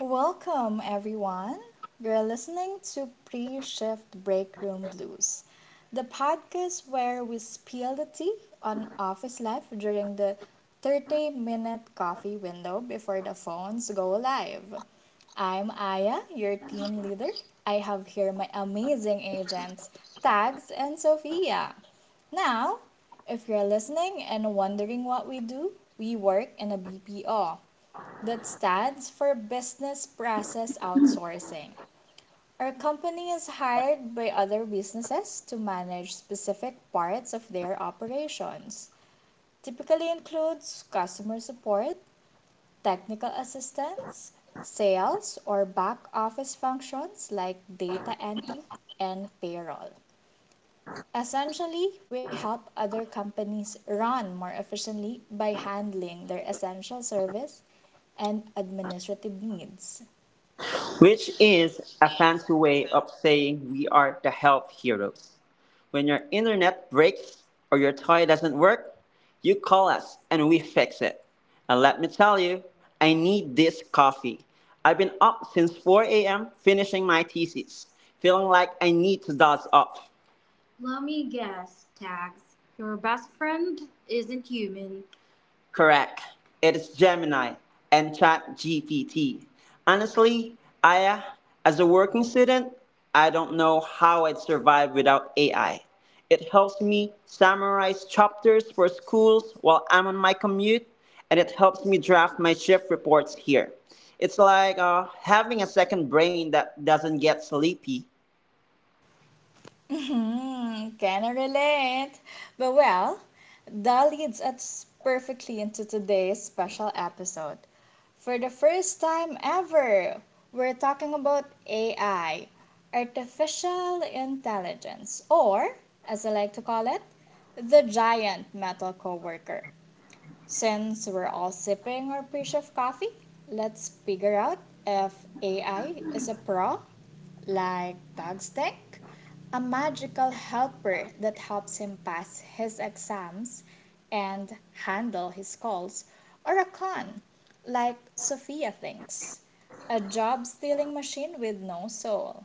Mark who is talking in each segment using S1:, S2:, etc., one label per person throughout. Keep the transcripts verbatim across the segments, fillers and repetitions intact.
S1: Welcome, everyone. You're listening to Pre Shift Break Room Blues, the podcast where we spill the tea on office life during the thirty minute coffee window before the phones go live. I'm Aya, your team leader. I have here my amazing agents, Tags and Sophia. Now, if you're listening and wondering what we do, we work in a B P O. That stands for Business Process Outsourcing. Our company is hired by other businesses to manage specific parts of their operations. Typically includes customer support, technical assistance, sales or back office functions like data entry and payroll. Essentially, we help other companies run more efficiently by handling their essential service and administrative needs.
S2: Which is a fancy way of saying we are the health heroes. When your internet breaks or your toy doesn't work, you call us and we fix it. And let me tell you, I need this coffee. I've been up since four a m finishing my thesis, feeling like I need to doze off. Let me guess, Tags. Your best friend isn't human. Correct. It is Gemini and Chat G P T. Honestly, I, uh, as a working student, I don't know how I'd survive without A I. It helps me summarize chapters for schools while I'm on my commute, and it helps me draft my shift reports here. It's like uh, having a second brain that doesn't get sleepy.
S1: Mhm, can I relate? But well, that leads us perfectly into today's special episode. For the first time ever, we're talking about A I, artificial intelligence, or as I like to call it, the giant metal coworker. Since we're all sipping our pre-shift coffee, let's figure out if A I is a pro, like dogs think, a magical helper that helps him pass his exams and handle his calls, or a con, like Sophia thinks, a job stealing machine with no soul.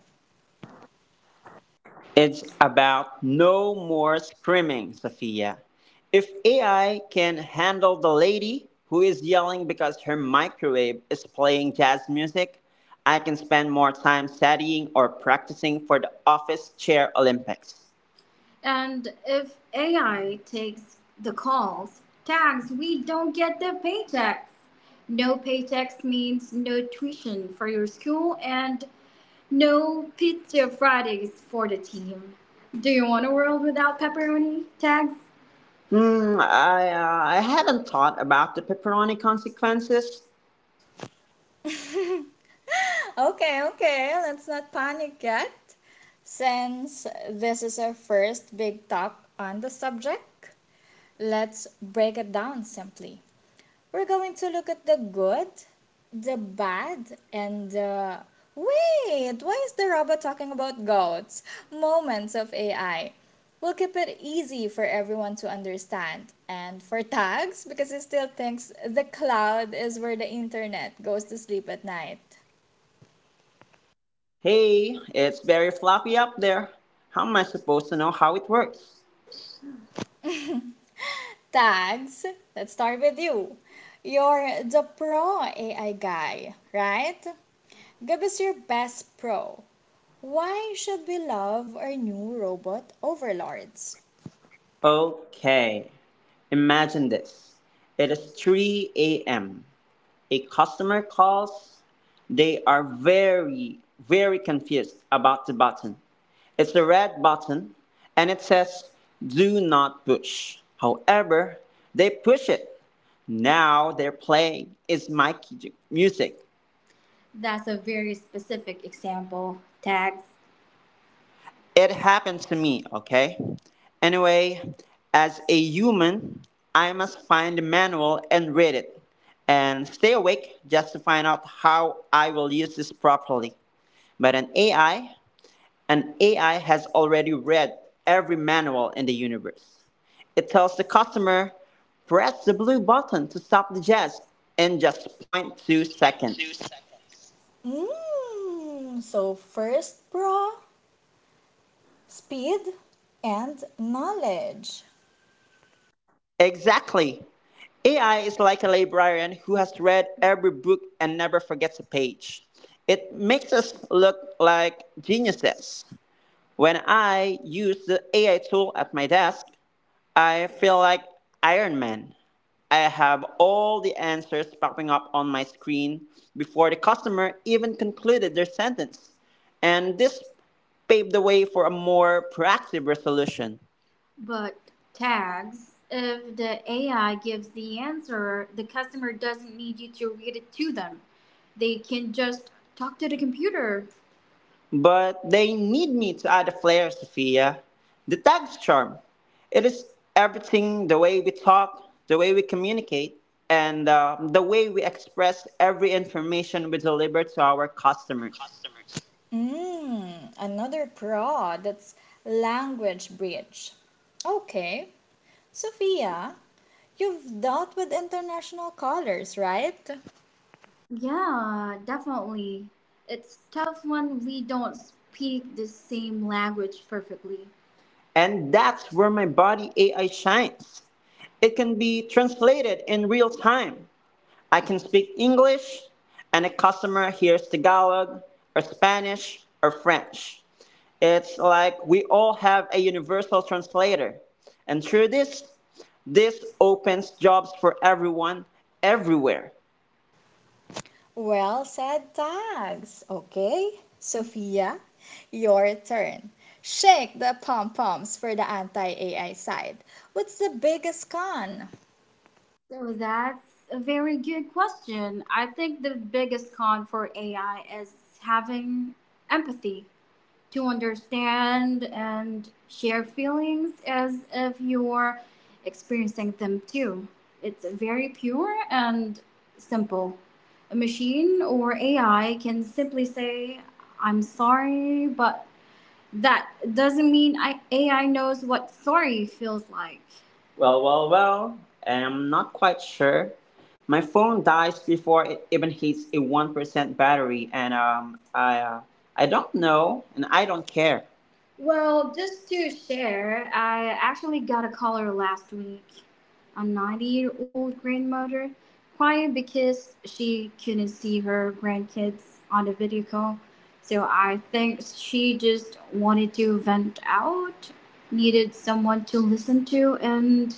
S2: It's about no more screaming, Sophia. If A I can handle the lady who is yelling because her microwave is playing jazz music, I can spend more time studying or practicing for the office chair Olympics. And if A I takes the calls, tags, we don't get the paychecks. No paychecks means no tuition for your school, and no pizza Fridays for the team. Do you want a world without pepperoni tags? Hmm, I, uh, I have not thought about the pepperoni consequences.
S1: okay, okay, let's not panic yet. Since this is our first big talk on the subject, let's break it down simply. We're going to look at the good, the bad, and the, wait, why is the robot talking about goats, moments of A I. We'll keep it easy for everyone to understand. And for tags, because he still thinks the cloud is where the internet goes to sleep at night.
S2: Hey, it's very floppy up there. How am I supposed to know how it works?
S1: Tags, let's start with you. You're the pro A I guy, right? Give us your best pro. Why should we love our new robot overlords?
S2: Okay, imagine this. It is three a m A customer calls, they are very, very confused about the button. It's a red button and it says do not push. However, they push it. Now they're playing is my music. That's a very specific example, Tags. It happened to me, okay? Anyway, as a human, I must find the manual and read it, and stay awake just to find out how I will use this properly. But an A I, an A I has already read every manual in the universe. It tells the customer, press the blue button to stop the jazz in just zero point 0.2 seconds.
S1: Mm, so first bra, speed, and knowledge.
S2: Exactly. A I is like a librarian who has read every book and never forgets a page. It makes us look like geniuses. When I use the A I tool at my desk, I feel like Iron Man. I have all the answers popping up on my screen before the customer even concluded their sentence. And this paved the way for a more proactive resolution. But tags, if the A I gives the answer, the customer doesn't need you to read it to them. They can just talk to the computer. But they need me to add a flair, Sophia. The tag's charm. It is everything, the way we talk, the way we communicate, and uh, the way we express every information we deliver to our customers.
S1: Mm, another bra, that's language bridge. Okay, Sophia, you've dealt with international callers, right?
S2: Yeah, definitely. It's tough when we don't speak the same language perfectly. And that's where my body A I shines. It can be translated in real time. I can speak English, and a customer hears Tagalog, or Spanish, or French. It's like we all have a universal translator. And through this, this opens jobs for everyone, everywhere.
S1: Well said, tags. Okay, Sophia, your turn. Shake the pom poms for the anti A I side. What's the biggest con?
S2: So that's a very good question. I think the biggest con for A I is having empathy, to understand and share feelings as if you're experiencing them too. It's very pure and simple. A machine or A I can simply say, I'm sorry, but that doesn't mean I, A I, knows what sorry feels like. Well, well, well, I'm not quite sure. My phone dies before it even hits a one percent battery, and um, I, uh, I don't know, and I don't care. Well, just to share, I actually got a caller last week, a ninety year old year old grandmother, crying because she couldn't see her grandkids on the video call. So I think she just wanted to vent out, needed someone to listen to, and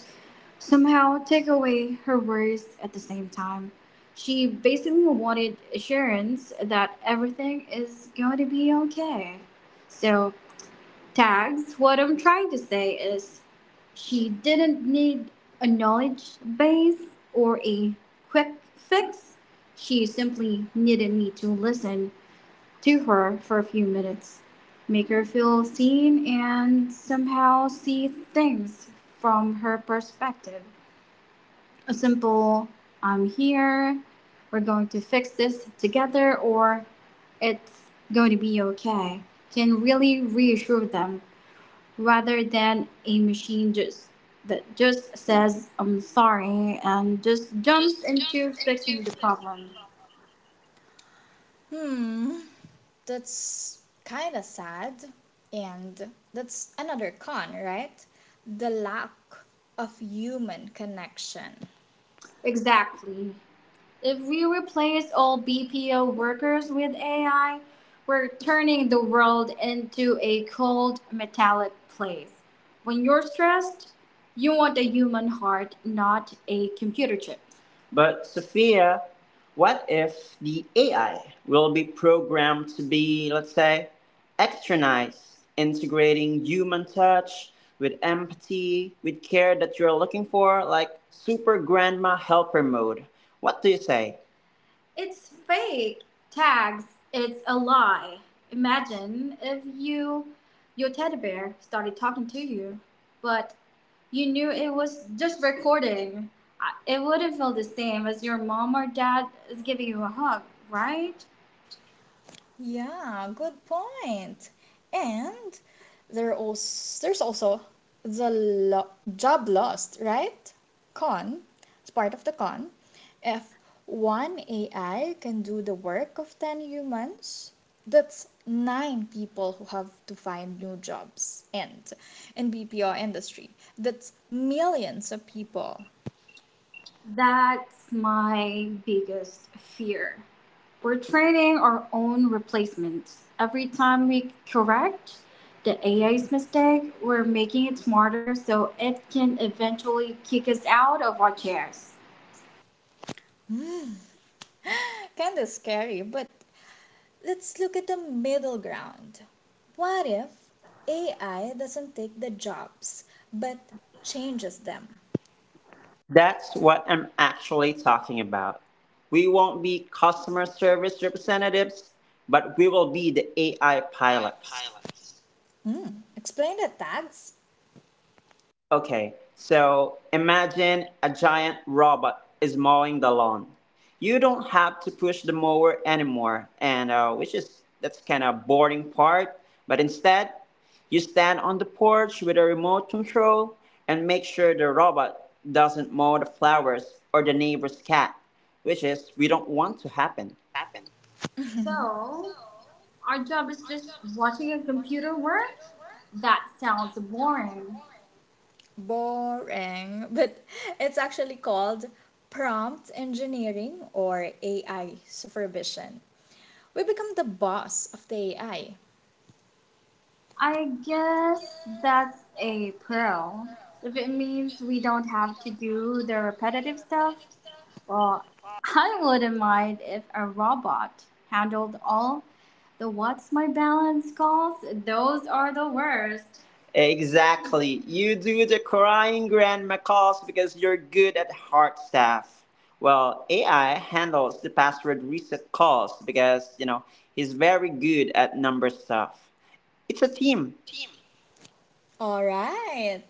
S2: somehow take away her worries at the same time. She basically wanted assurance that everything is going to be okay. So tags. What I'm trying to say is she didn't need a knowledge base or a quick fix. She simply needed me to listen to her for a few minutes, make her feel seen, and somehow see things from her perspective. A simple, I'm here, we're going to fix this together, or it's going to be okay, can really reassure them rather than a machine just that just says I'm sorry and just jumps into fixing the problem.
S1: Hmm, that's kind of sad, and that's another con, right, the lack of human connection.
S2: Exactly. If we replace all B P O workers with A I, we're turning the world into a cold metallic place. When you're stressed, you want a human heart, not a computer chip. But Sophia, what if the A I will be programmed to be, let's say, extra nice, integrating human touch with empathy, with care that you're looking for, like super grandma helper mode. What do you say? It's fake. Tags. It's a lie. Imagine if you, your teddy bear, started talking to you, but you knew it was just recording. It wouldn't feel the same as your mom or dad is giving you a hug, right?
S1: Yeah, good point. And there also there's also the lo- job lost, right? Con, it's part of the con. If one A I can do the work of ten humans, that's nine people who have to find new jobs, and in B P O industry, that's millions of people.
S2: That's my biggest fear. We're training our own replacements. Every time we correct the A I's mistake, we're making it smarter so it can eventually kick us out of our chairs.
S1: Mm, kind of scary, but let's look at the middle ground. What if A I doesn't take the jobs but changes them?
S2: That's what I'm actually talking about. We won't be customer service representatives, but we will be the A I pilots.
S1: Mm, explained it, tags.
S2: Okay, so imagine a giant robot is mowing the lawn. You don't have to push the mower anymore, and uh, which is that's kind of boring part. But instead, you stand on the porch with a remote control and make sure the robot doesn't mow the flowers or the neighbor's cat, which is we don't want to happen. So, our job is just watching a computer work? That sounds boring.
S1: Boring, but it's actually called prompt engineering or A I supervision. We become the boss of the A I.
S2: I guess that's a pro. If it means we don't have to do the repetitive stuff, well, I wouldn't mind if a robot handled all the what's my balance calls. Those are the worst. Exactly. You do the crying grandma calls because you're good at hard stuff. Well, A I handles the password reset calls because, you know, he's very good at number stuff. It's a team.
S1: All right,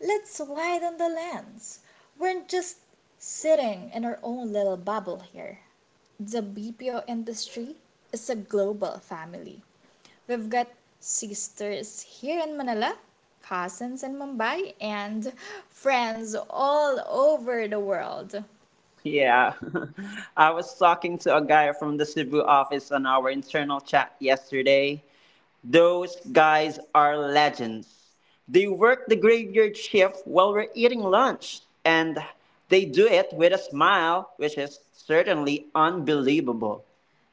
S1: let's widen the lens. We're just sitting in our own little bubble here. The B P O industry is a global family. We've got sisters here in Manila, cousins in Mumbai, and friends all over the world.
S2: Yeah. I was talking to a guy from the Cebu office on our internal chat yesterday. Those guys are legends. They work the graveyard shift while we're eating lunch, and they do it with a smile, which is certainly unbelievable.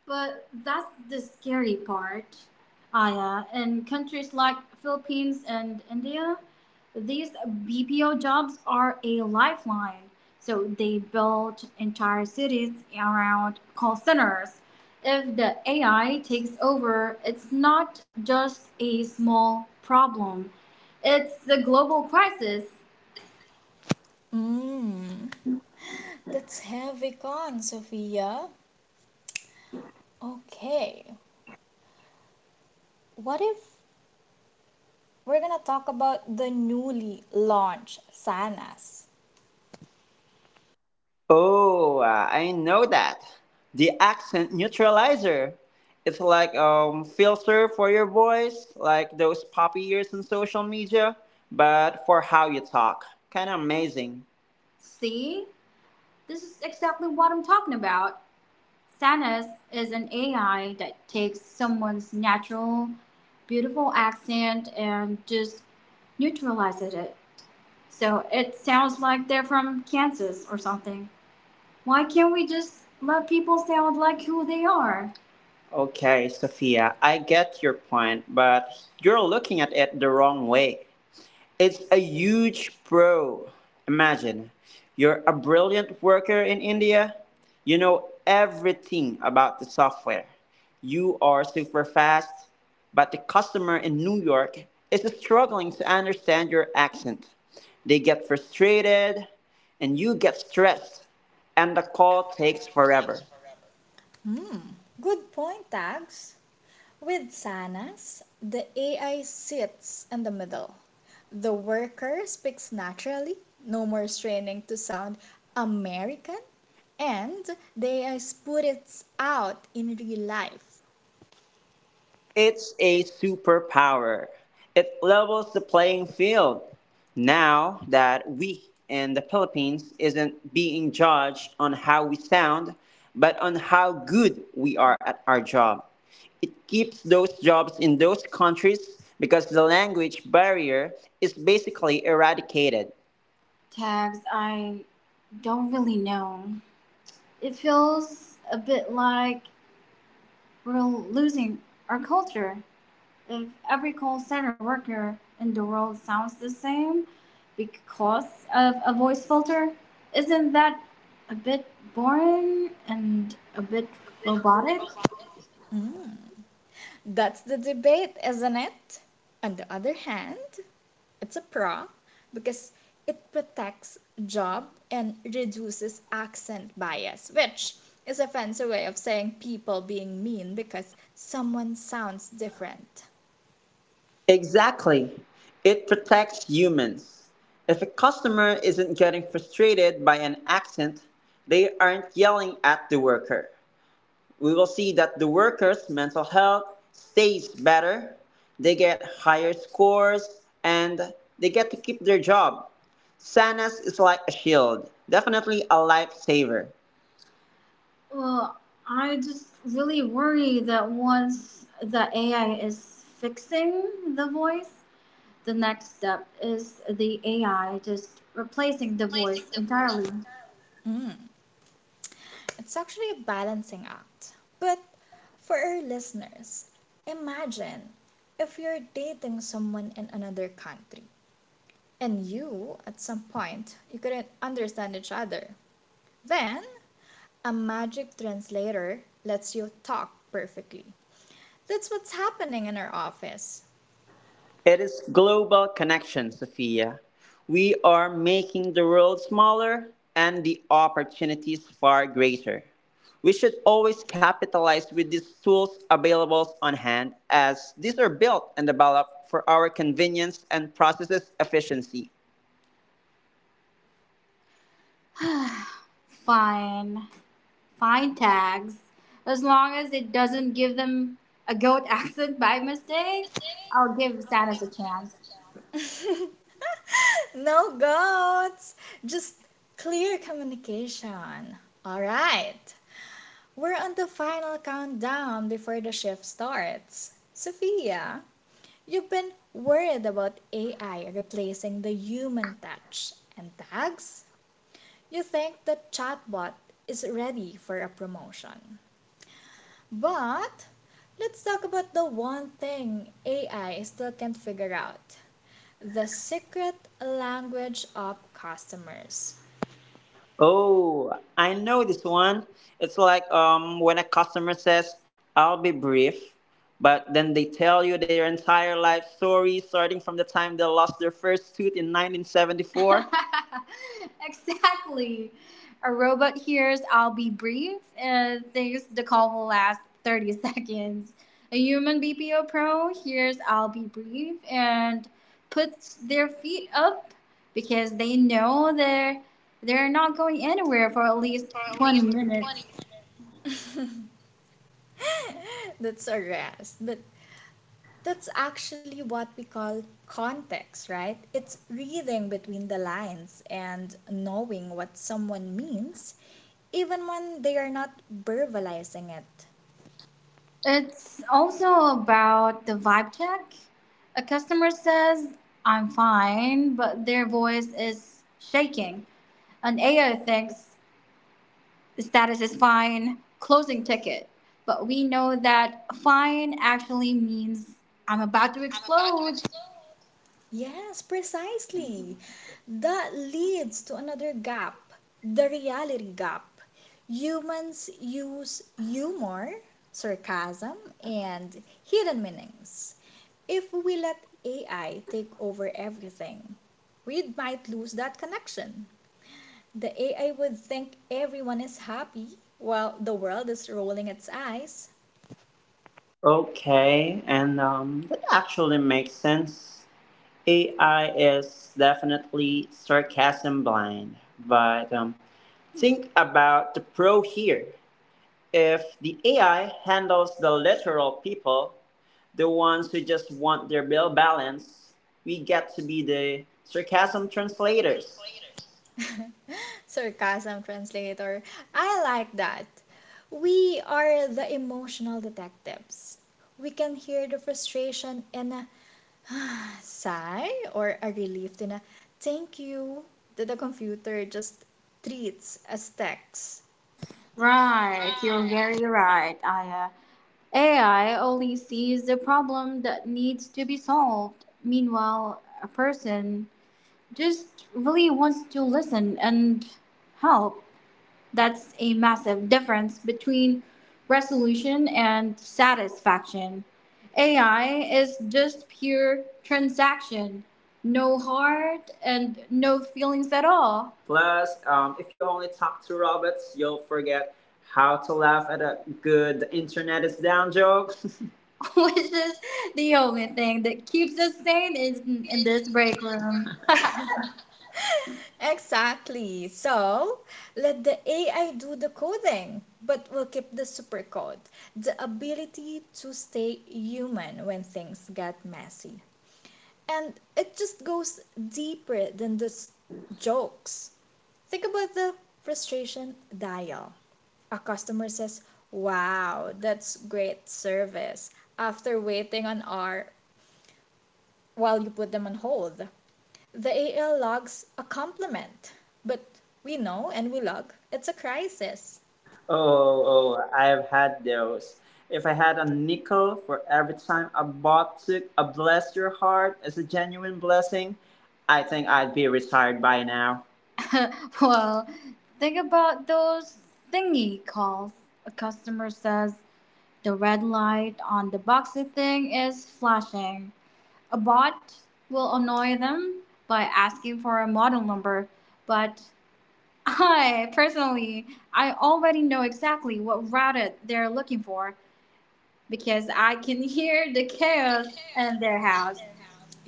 S2: But that's the scary part, Aya. In countries like Philippines and India, these B P O jobs are a lifeline. So they built entire cities around call centers. If the A I takes over, it's not just a small problem, it's a global crisis.
S1: Mmm, that's heavy con, Sophia. Okay, what if we're gonna talk about the newly launched Sanas?
S2: Oh, uh, I know that. The accent neutralizer. It's like a filter for your voice, like those poppy ears on social media, but for how you talk. Kind of amazing. See, this is exactly what I'm talking about. Sanas is an A I that takes someone's natural, beautiful accent and just neutralizes it. So it sounds like they're from Kansas or something. Why can't we just let people sound like who they are? Okay, Sophia, I get your point, but you're looking at it the wrong way. It's a huge pro. Imagine you're a brilliant worker in India. You know everything about the software. You are super fast, but the customer in New York is struggling to understand your accent. They get frustrated and you get stressed, and the call takes forever.
S1: Hmm, good point, Tags. With Sanas, the A I sits in the middle. The worker speaks naturally, no more straining to sound American, and they spit it out in real life.
S2: It's a superpower. It levels the playing field. Now that we in the Philippines isn't being judged on how we sound, but on how good we are at our job. It keeps those jobs in those countries because the language barrier is basically eradicated. Tags, I don't really know. It feels a bit like we're losing our culture. Every call center worker in the world sounds the same because of a voice filter. Isn't that a bit boring and a bit robotic?
S1: Mm, that's the debate, isn't it? On the other hand, it's a pro because it protects job and reduces accent bias, which is a fancy way of saying people being mean because someone sounds different.
S2: Exactly. It protects humans. If a customer isn't getting frustrated by an accent, they aren't yelling at the worker. We will see that the workers' mental health stays better, they get higher scores, and they get to keep their job. Sanas is like a shield, definitely a lifesaver. Well, I just really worry that once the A I is fixing the voice, the next step is the A I just replacing the voice entirely.
S1: Mm, it's actually a balancing act. But for our listeners, imagine if you're dating someone in another country and you, at some point, you couldn't understand each other. Then, a magic translator lets you talk perfectly. That's what's happening in our office.
S2: It is global connection, Sophia. We are making the world smaller and the opportunities far greater. We should always capitalize with these tools available on hand as these are built and developed for our convenience and processes efficiency. Fine. Fine tags. As long as it doesn't give them a goat accent by mistake, I'll give Sanus a chance.
S1: No goats, just clear communication. All right, we're on the final countdown before the shift starts. Sophia, you've been worried about A I replacing the human touch, and tags, you think the chatbot is ready for a promotion. But let's talk about the one thing A I still can't figure out, the secret language of customers.
S2: Oh, I know this one. It's like um when a customer says, "I'll be brief," but then they tell you their entire life story starting from the time they lost their first tooth in nineteen seventy-four. Exactly. A robot hears I'll be brief and thinks the call will last thirty seconds. A human B P O pro hears I'll be brief and puts their feet up because they know they're, they're not going anywhere for at least twenty minutes.
S1: That's a rest. But that's actually what we call context, right? It's reading between the lines and knowing what someone means even when they are not verbalizing it.
S2: It's also about the vibe check. A customer says, I'm fine, but their voice is shaking. An A I thinks, the status is fine, closing ticket. But we know that fine actually means I'm about to explode.
S1: Yes, precisely. That leads to another gap, the reality gap. Humans use humor, sarcasm, and hidden meanings. If we let A I take over everything, we might lose that connection. The A I would think everyone is happy while the world is rolling its eyes.
S2: Okay, and um, that actually makes sense. A I is definitely sarcasm blind, but um, think about the pro here. If the A I handles the literal people, the ones who just want their bill balance, we get to be the sarcasm translators.
S1: Sarcasm translator. I like that. We are the emotional detectives. We can hear the frustration in a sigh or a relief in a thank you that the computer just treats as text.
S2: Right, you're very right, Aya. A I only sees the problem that needs to be solved. Meanwhile, a person just really wants to listen and help. That's a massive difference between resolution and satisfaction. A I is just pure transaction, no heart and no feelings at all. Plus, um, if you only talk to robots, you'll forget how to laugh at a good internet is down joke. Which is the only thing that keeps us sane in, in this break room.
S1: Exactly. So let the A I do the coding, but we'll keep the supercode, the ability to stay human when things get messy. And it just goes deeper than just jokes. Think about the frustration dial. A customer says, "Wow, that's great service," after waiting an hour while you put them on hold. The A L logs a compliment, but we know, and we log, it's a crisis.
S2: Oh, oh, I have had those. If I had a nickel for every time a bot took a bless your heart as a genuine blessing, I think I'd be retired by now. Well, think about those thingy calls. A customer says the red light on the boxy thing is flashing. A bot will annoy them by asking for a model number, but I personally, I already know exactly what router they're looking for because I can hear the chaos in their house.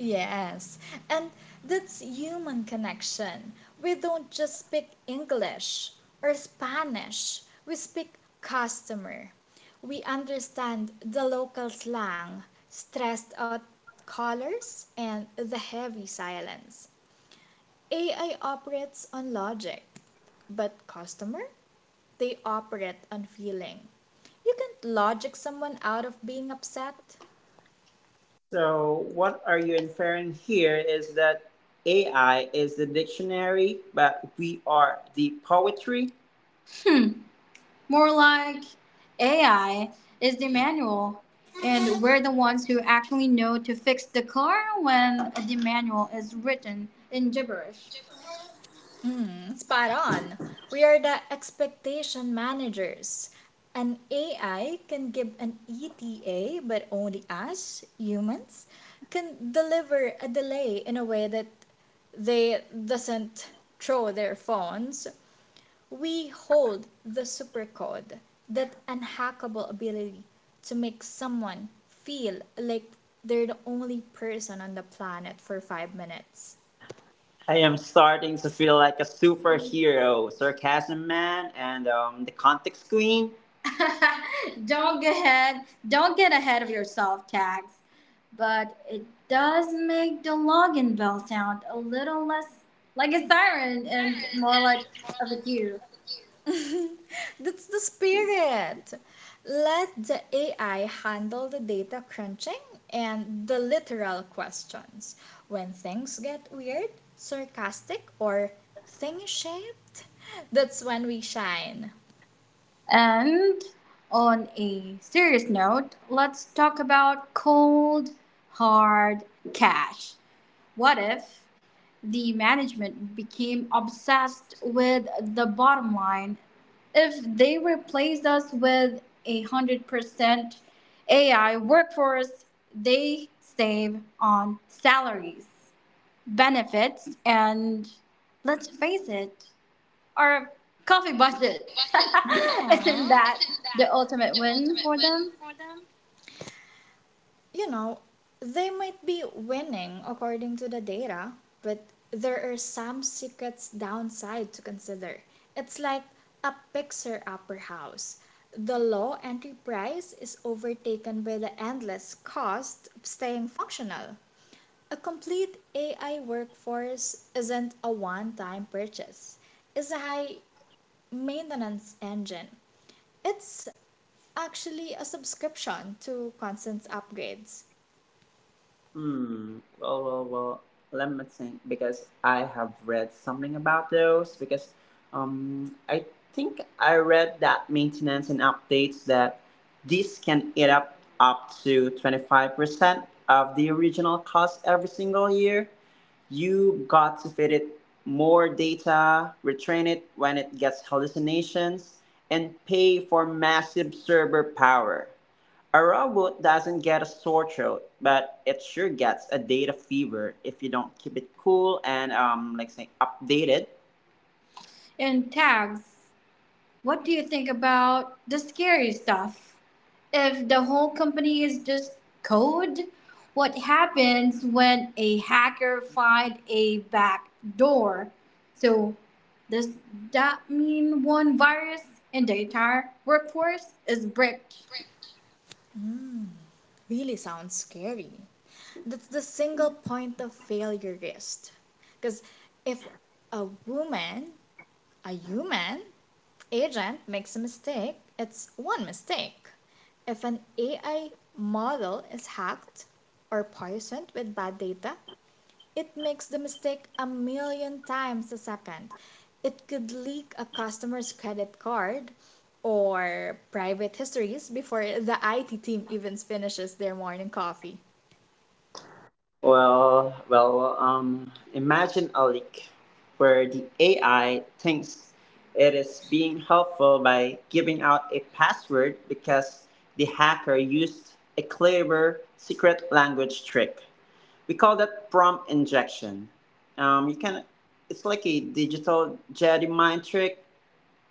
S1: Yes, and that's human connection. We don't just speak English or Spanish, we speak customer. We understand the local slang, stressed out colors, and the heavy silence. A I operates on logic, but customer, they operate on feeling. You can't logic someone out of being upset.
S2: So, what are you inferring here is that A I is the dictionary, but we are the poetry? More like A I is the manual, and we're the ones who actually know to fix the car when the manual is written in gibberish.
S1: Mm, spot on. We are the expectation managers. An A I can give an E T A, but only us, humans, can deliver a delay in a way that they doesn't throw their phones. We hold the supercode, that unhackable ability to make someone feel like they're the only person on the planet for five minutes.
S2: I am starting to feel like a superhero, sarcasm man, and um, the context queen. Don't get ahead. Don't get ahead of yourself, tags. But it does make the login bell sound a little less like a siren and more like of a cue.
S1: That's the spirit. Let the A I handle the data crunching and the literal questions. When things get weird, sarcastic, or thingy shaped, that's when we shine.
S2: And on a serious note, let's talk about cold, hard cash. What if the management became obsessed with the bottom line? If they replaced us with a one hundred percent A I workforce, they save on salaries, benefits, and let's face it, or coffee budget. Isn't
S1: Aw,
S2: that the ultimate win for them?
S1: you know, they might be winning according to the data, but there are some secrets downside to consider. It's like a picture upper house. The low entry price is overtaken by the endless cost of staying functional. A complete A I workforce isn't a one time purchase, it's a high maintenance engine. It's actually a subscription to constant upgrades.
S2: Hmm. Well, well, well. Let me think, because I have read something about those because um I think I read that maintenance and updates that this can eat up up to twenty-five percent of the original cost every single year. You got to feed it more data, retrain it when it gets hallucinations, and pay for massive server power. A robot doesn't get a sore throat, but it sure gets a data fever if you don't keep it cool and um like say updated. And tags. What do you think about the scary stuff? If the whole company is just code, what happens when a hacker finds a back door? So, does that mean one virus in the entire workforce is bricked?
S1: Mm, really sounds scary. That's the single point of failure risk. Because if a woman, a human agent makes a mistake, it's one mistake. If an A I model is hacked or poisoned with bad data, it makes the mistake a million times a second. It could leak a customer's credit card or private histories before the I T team even finishes their morning coffee.
S2: Well, well, um, imagine a leak where the A I thinks it is being helpful by giving out a password because the hacker used a clever secret language trick. We call that prompt injection. Um, you can, it's like a digital Jedi mind trick.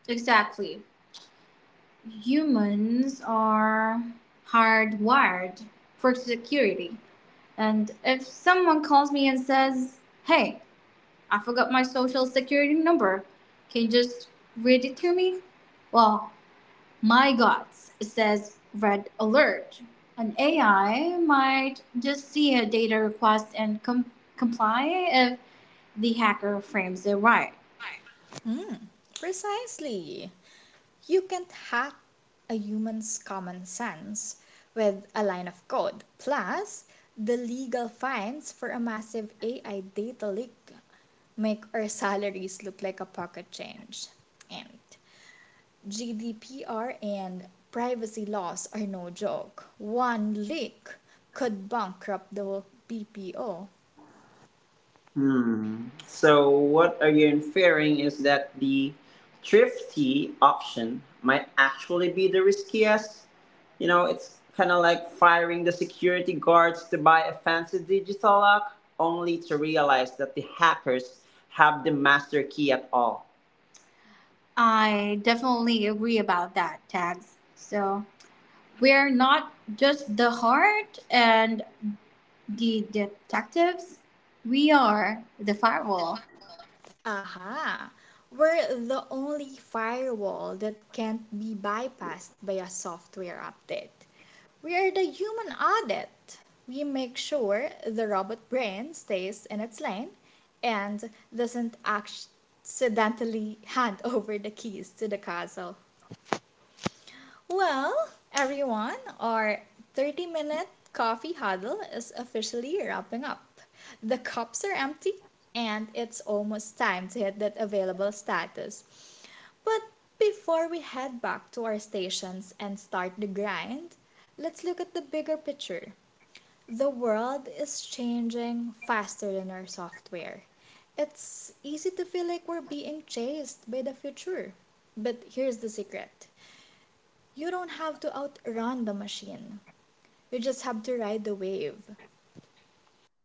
S2: Exactly. Humans are hardwired for security. And if someone calls me and says, hey, I forgot my social security number, can you just read it to me? Well, my God, it says red alert. An A I might just see a data request and com- comply if the hacker frames it right.
S1: Mm, precisely. You can't hack a human's common sense with a line of code. Plus, the legal fines for a massive A I data leak make our salaries look like a pocket change. And G D P R and privacy laws are no joke. One leak could bankrupt the B P O.
S2: Hmm. So what are you inferring is that the thrifty option might actually be the riskiest? You know, it's kind of like firing the security guards to buy a fancy digital lock, only to realize that the hackers have the master key at all. I definitely agree about that, Tags. So we're not just the heart and the detectives, we are the firewall.
S1: Aha! We're the only firewall that can't be bypassed by a software update. We're the human audit. We make sure the robot brain stays in its lane and doesn't accidentally hand over the keys to the castle. Well, everyone, our thirty minute coffee huddle is officially wrapping up. The cups are empty, and it's almost time to hit that available status, but before we head back to our stations and start the grind, let's look at the bigger picture. The world is changing faster than our software. It's easy to feel like we're being chased by the future. But here's the secret: you don't have to outrun the machine, you just have to ride the wave.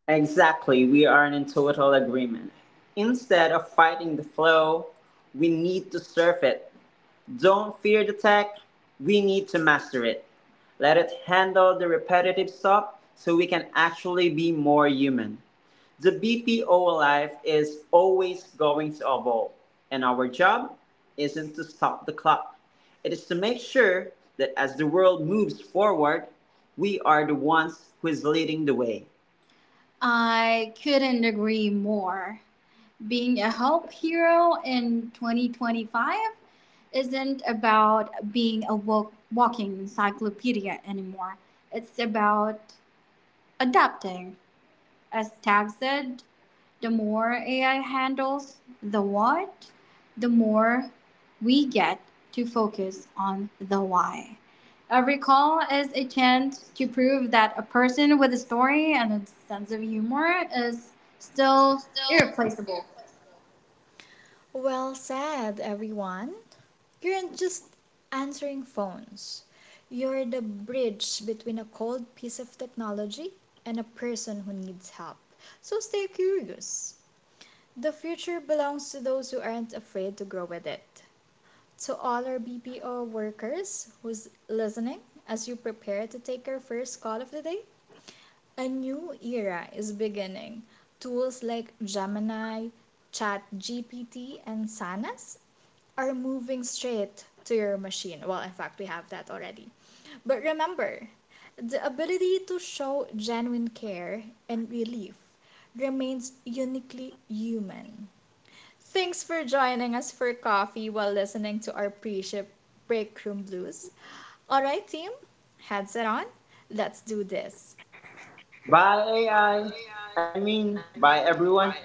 S2: Exactly, we aren't in total agreement. Instead of fighting the flow, we need to surf it. Don't fear the tech, we need to master it. Let it handle the repetitive stuff so we can actually be more human. The B P O life is always going to evolve, and our job isn't to stop the clock. It is to make sure that as the world moves forward, we are the ones who is leading the way. I couldn't agree more. Being a help hero in twenty twenty-five isn't about being a walk- walking encyclopedia anymore. It's about adapting. As Tag said, the more A I handles the what, the more we get to focus on the why. Every call is a chance to prove that a person with a story and a sense of humor is still irreplaceable.
S1: Well said, everyone. You're not just answering phones. You're the bridge between a cold piece of technology and a person who needs help. So stay curious. The future belongs to those who aren't afraid to grow with it. To all our B P O workers who's listening, as you prepare to take your first call of the day, a new era is beginning. Tools like Gemini, ChatGPT, and Sanas are moving straight to your machine. Well, in fact, we have that already. But remember, the ability to show genuine care and relief remains uniquely human. Thanks for joining us for coffee while listening to our pre ship break room blues. All right, team, headset on. Let's do this.
S2: Bye, A I. I I mean, bye, everyone.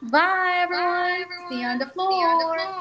S2: Bye, everyone. See you on the floor.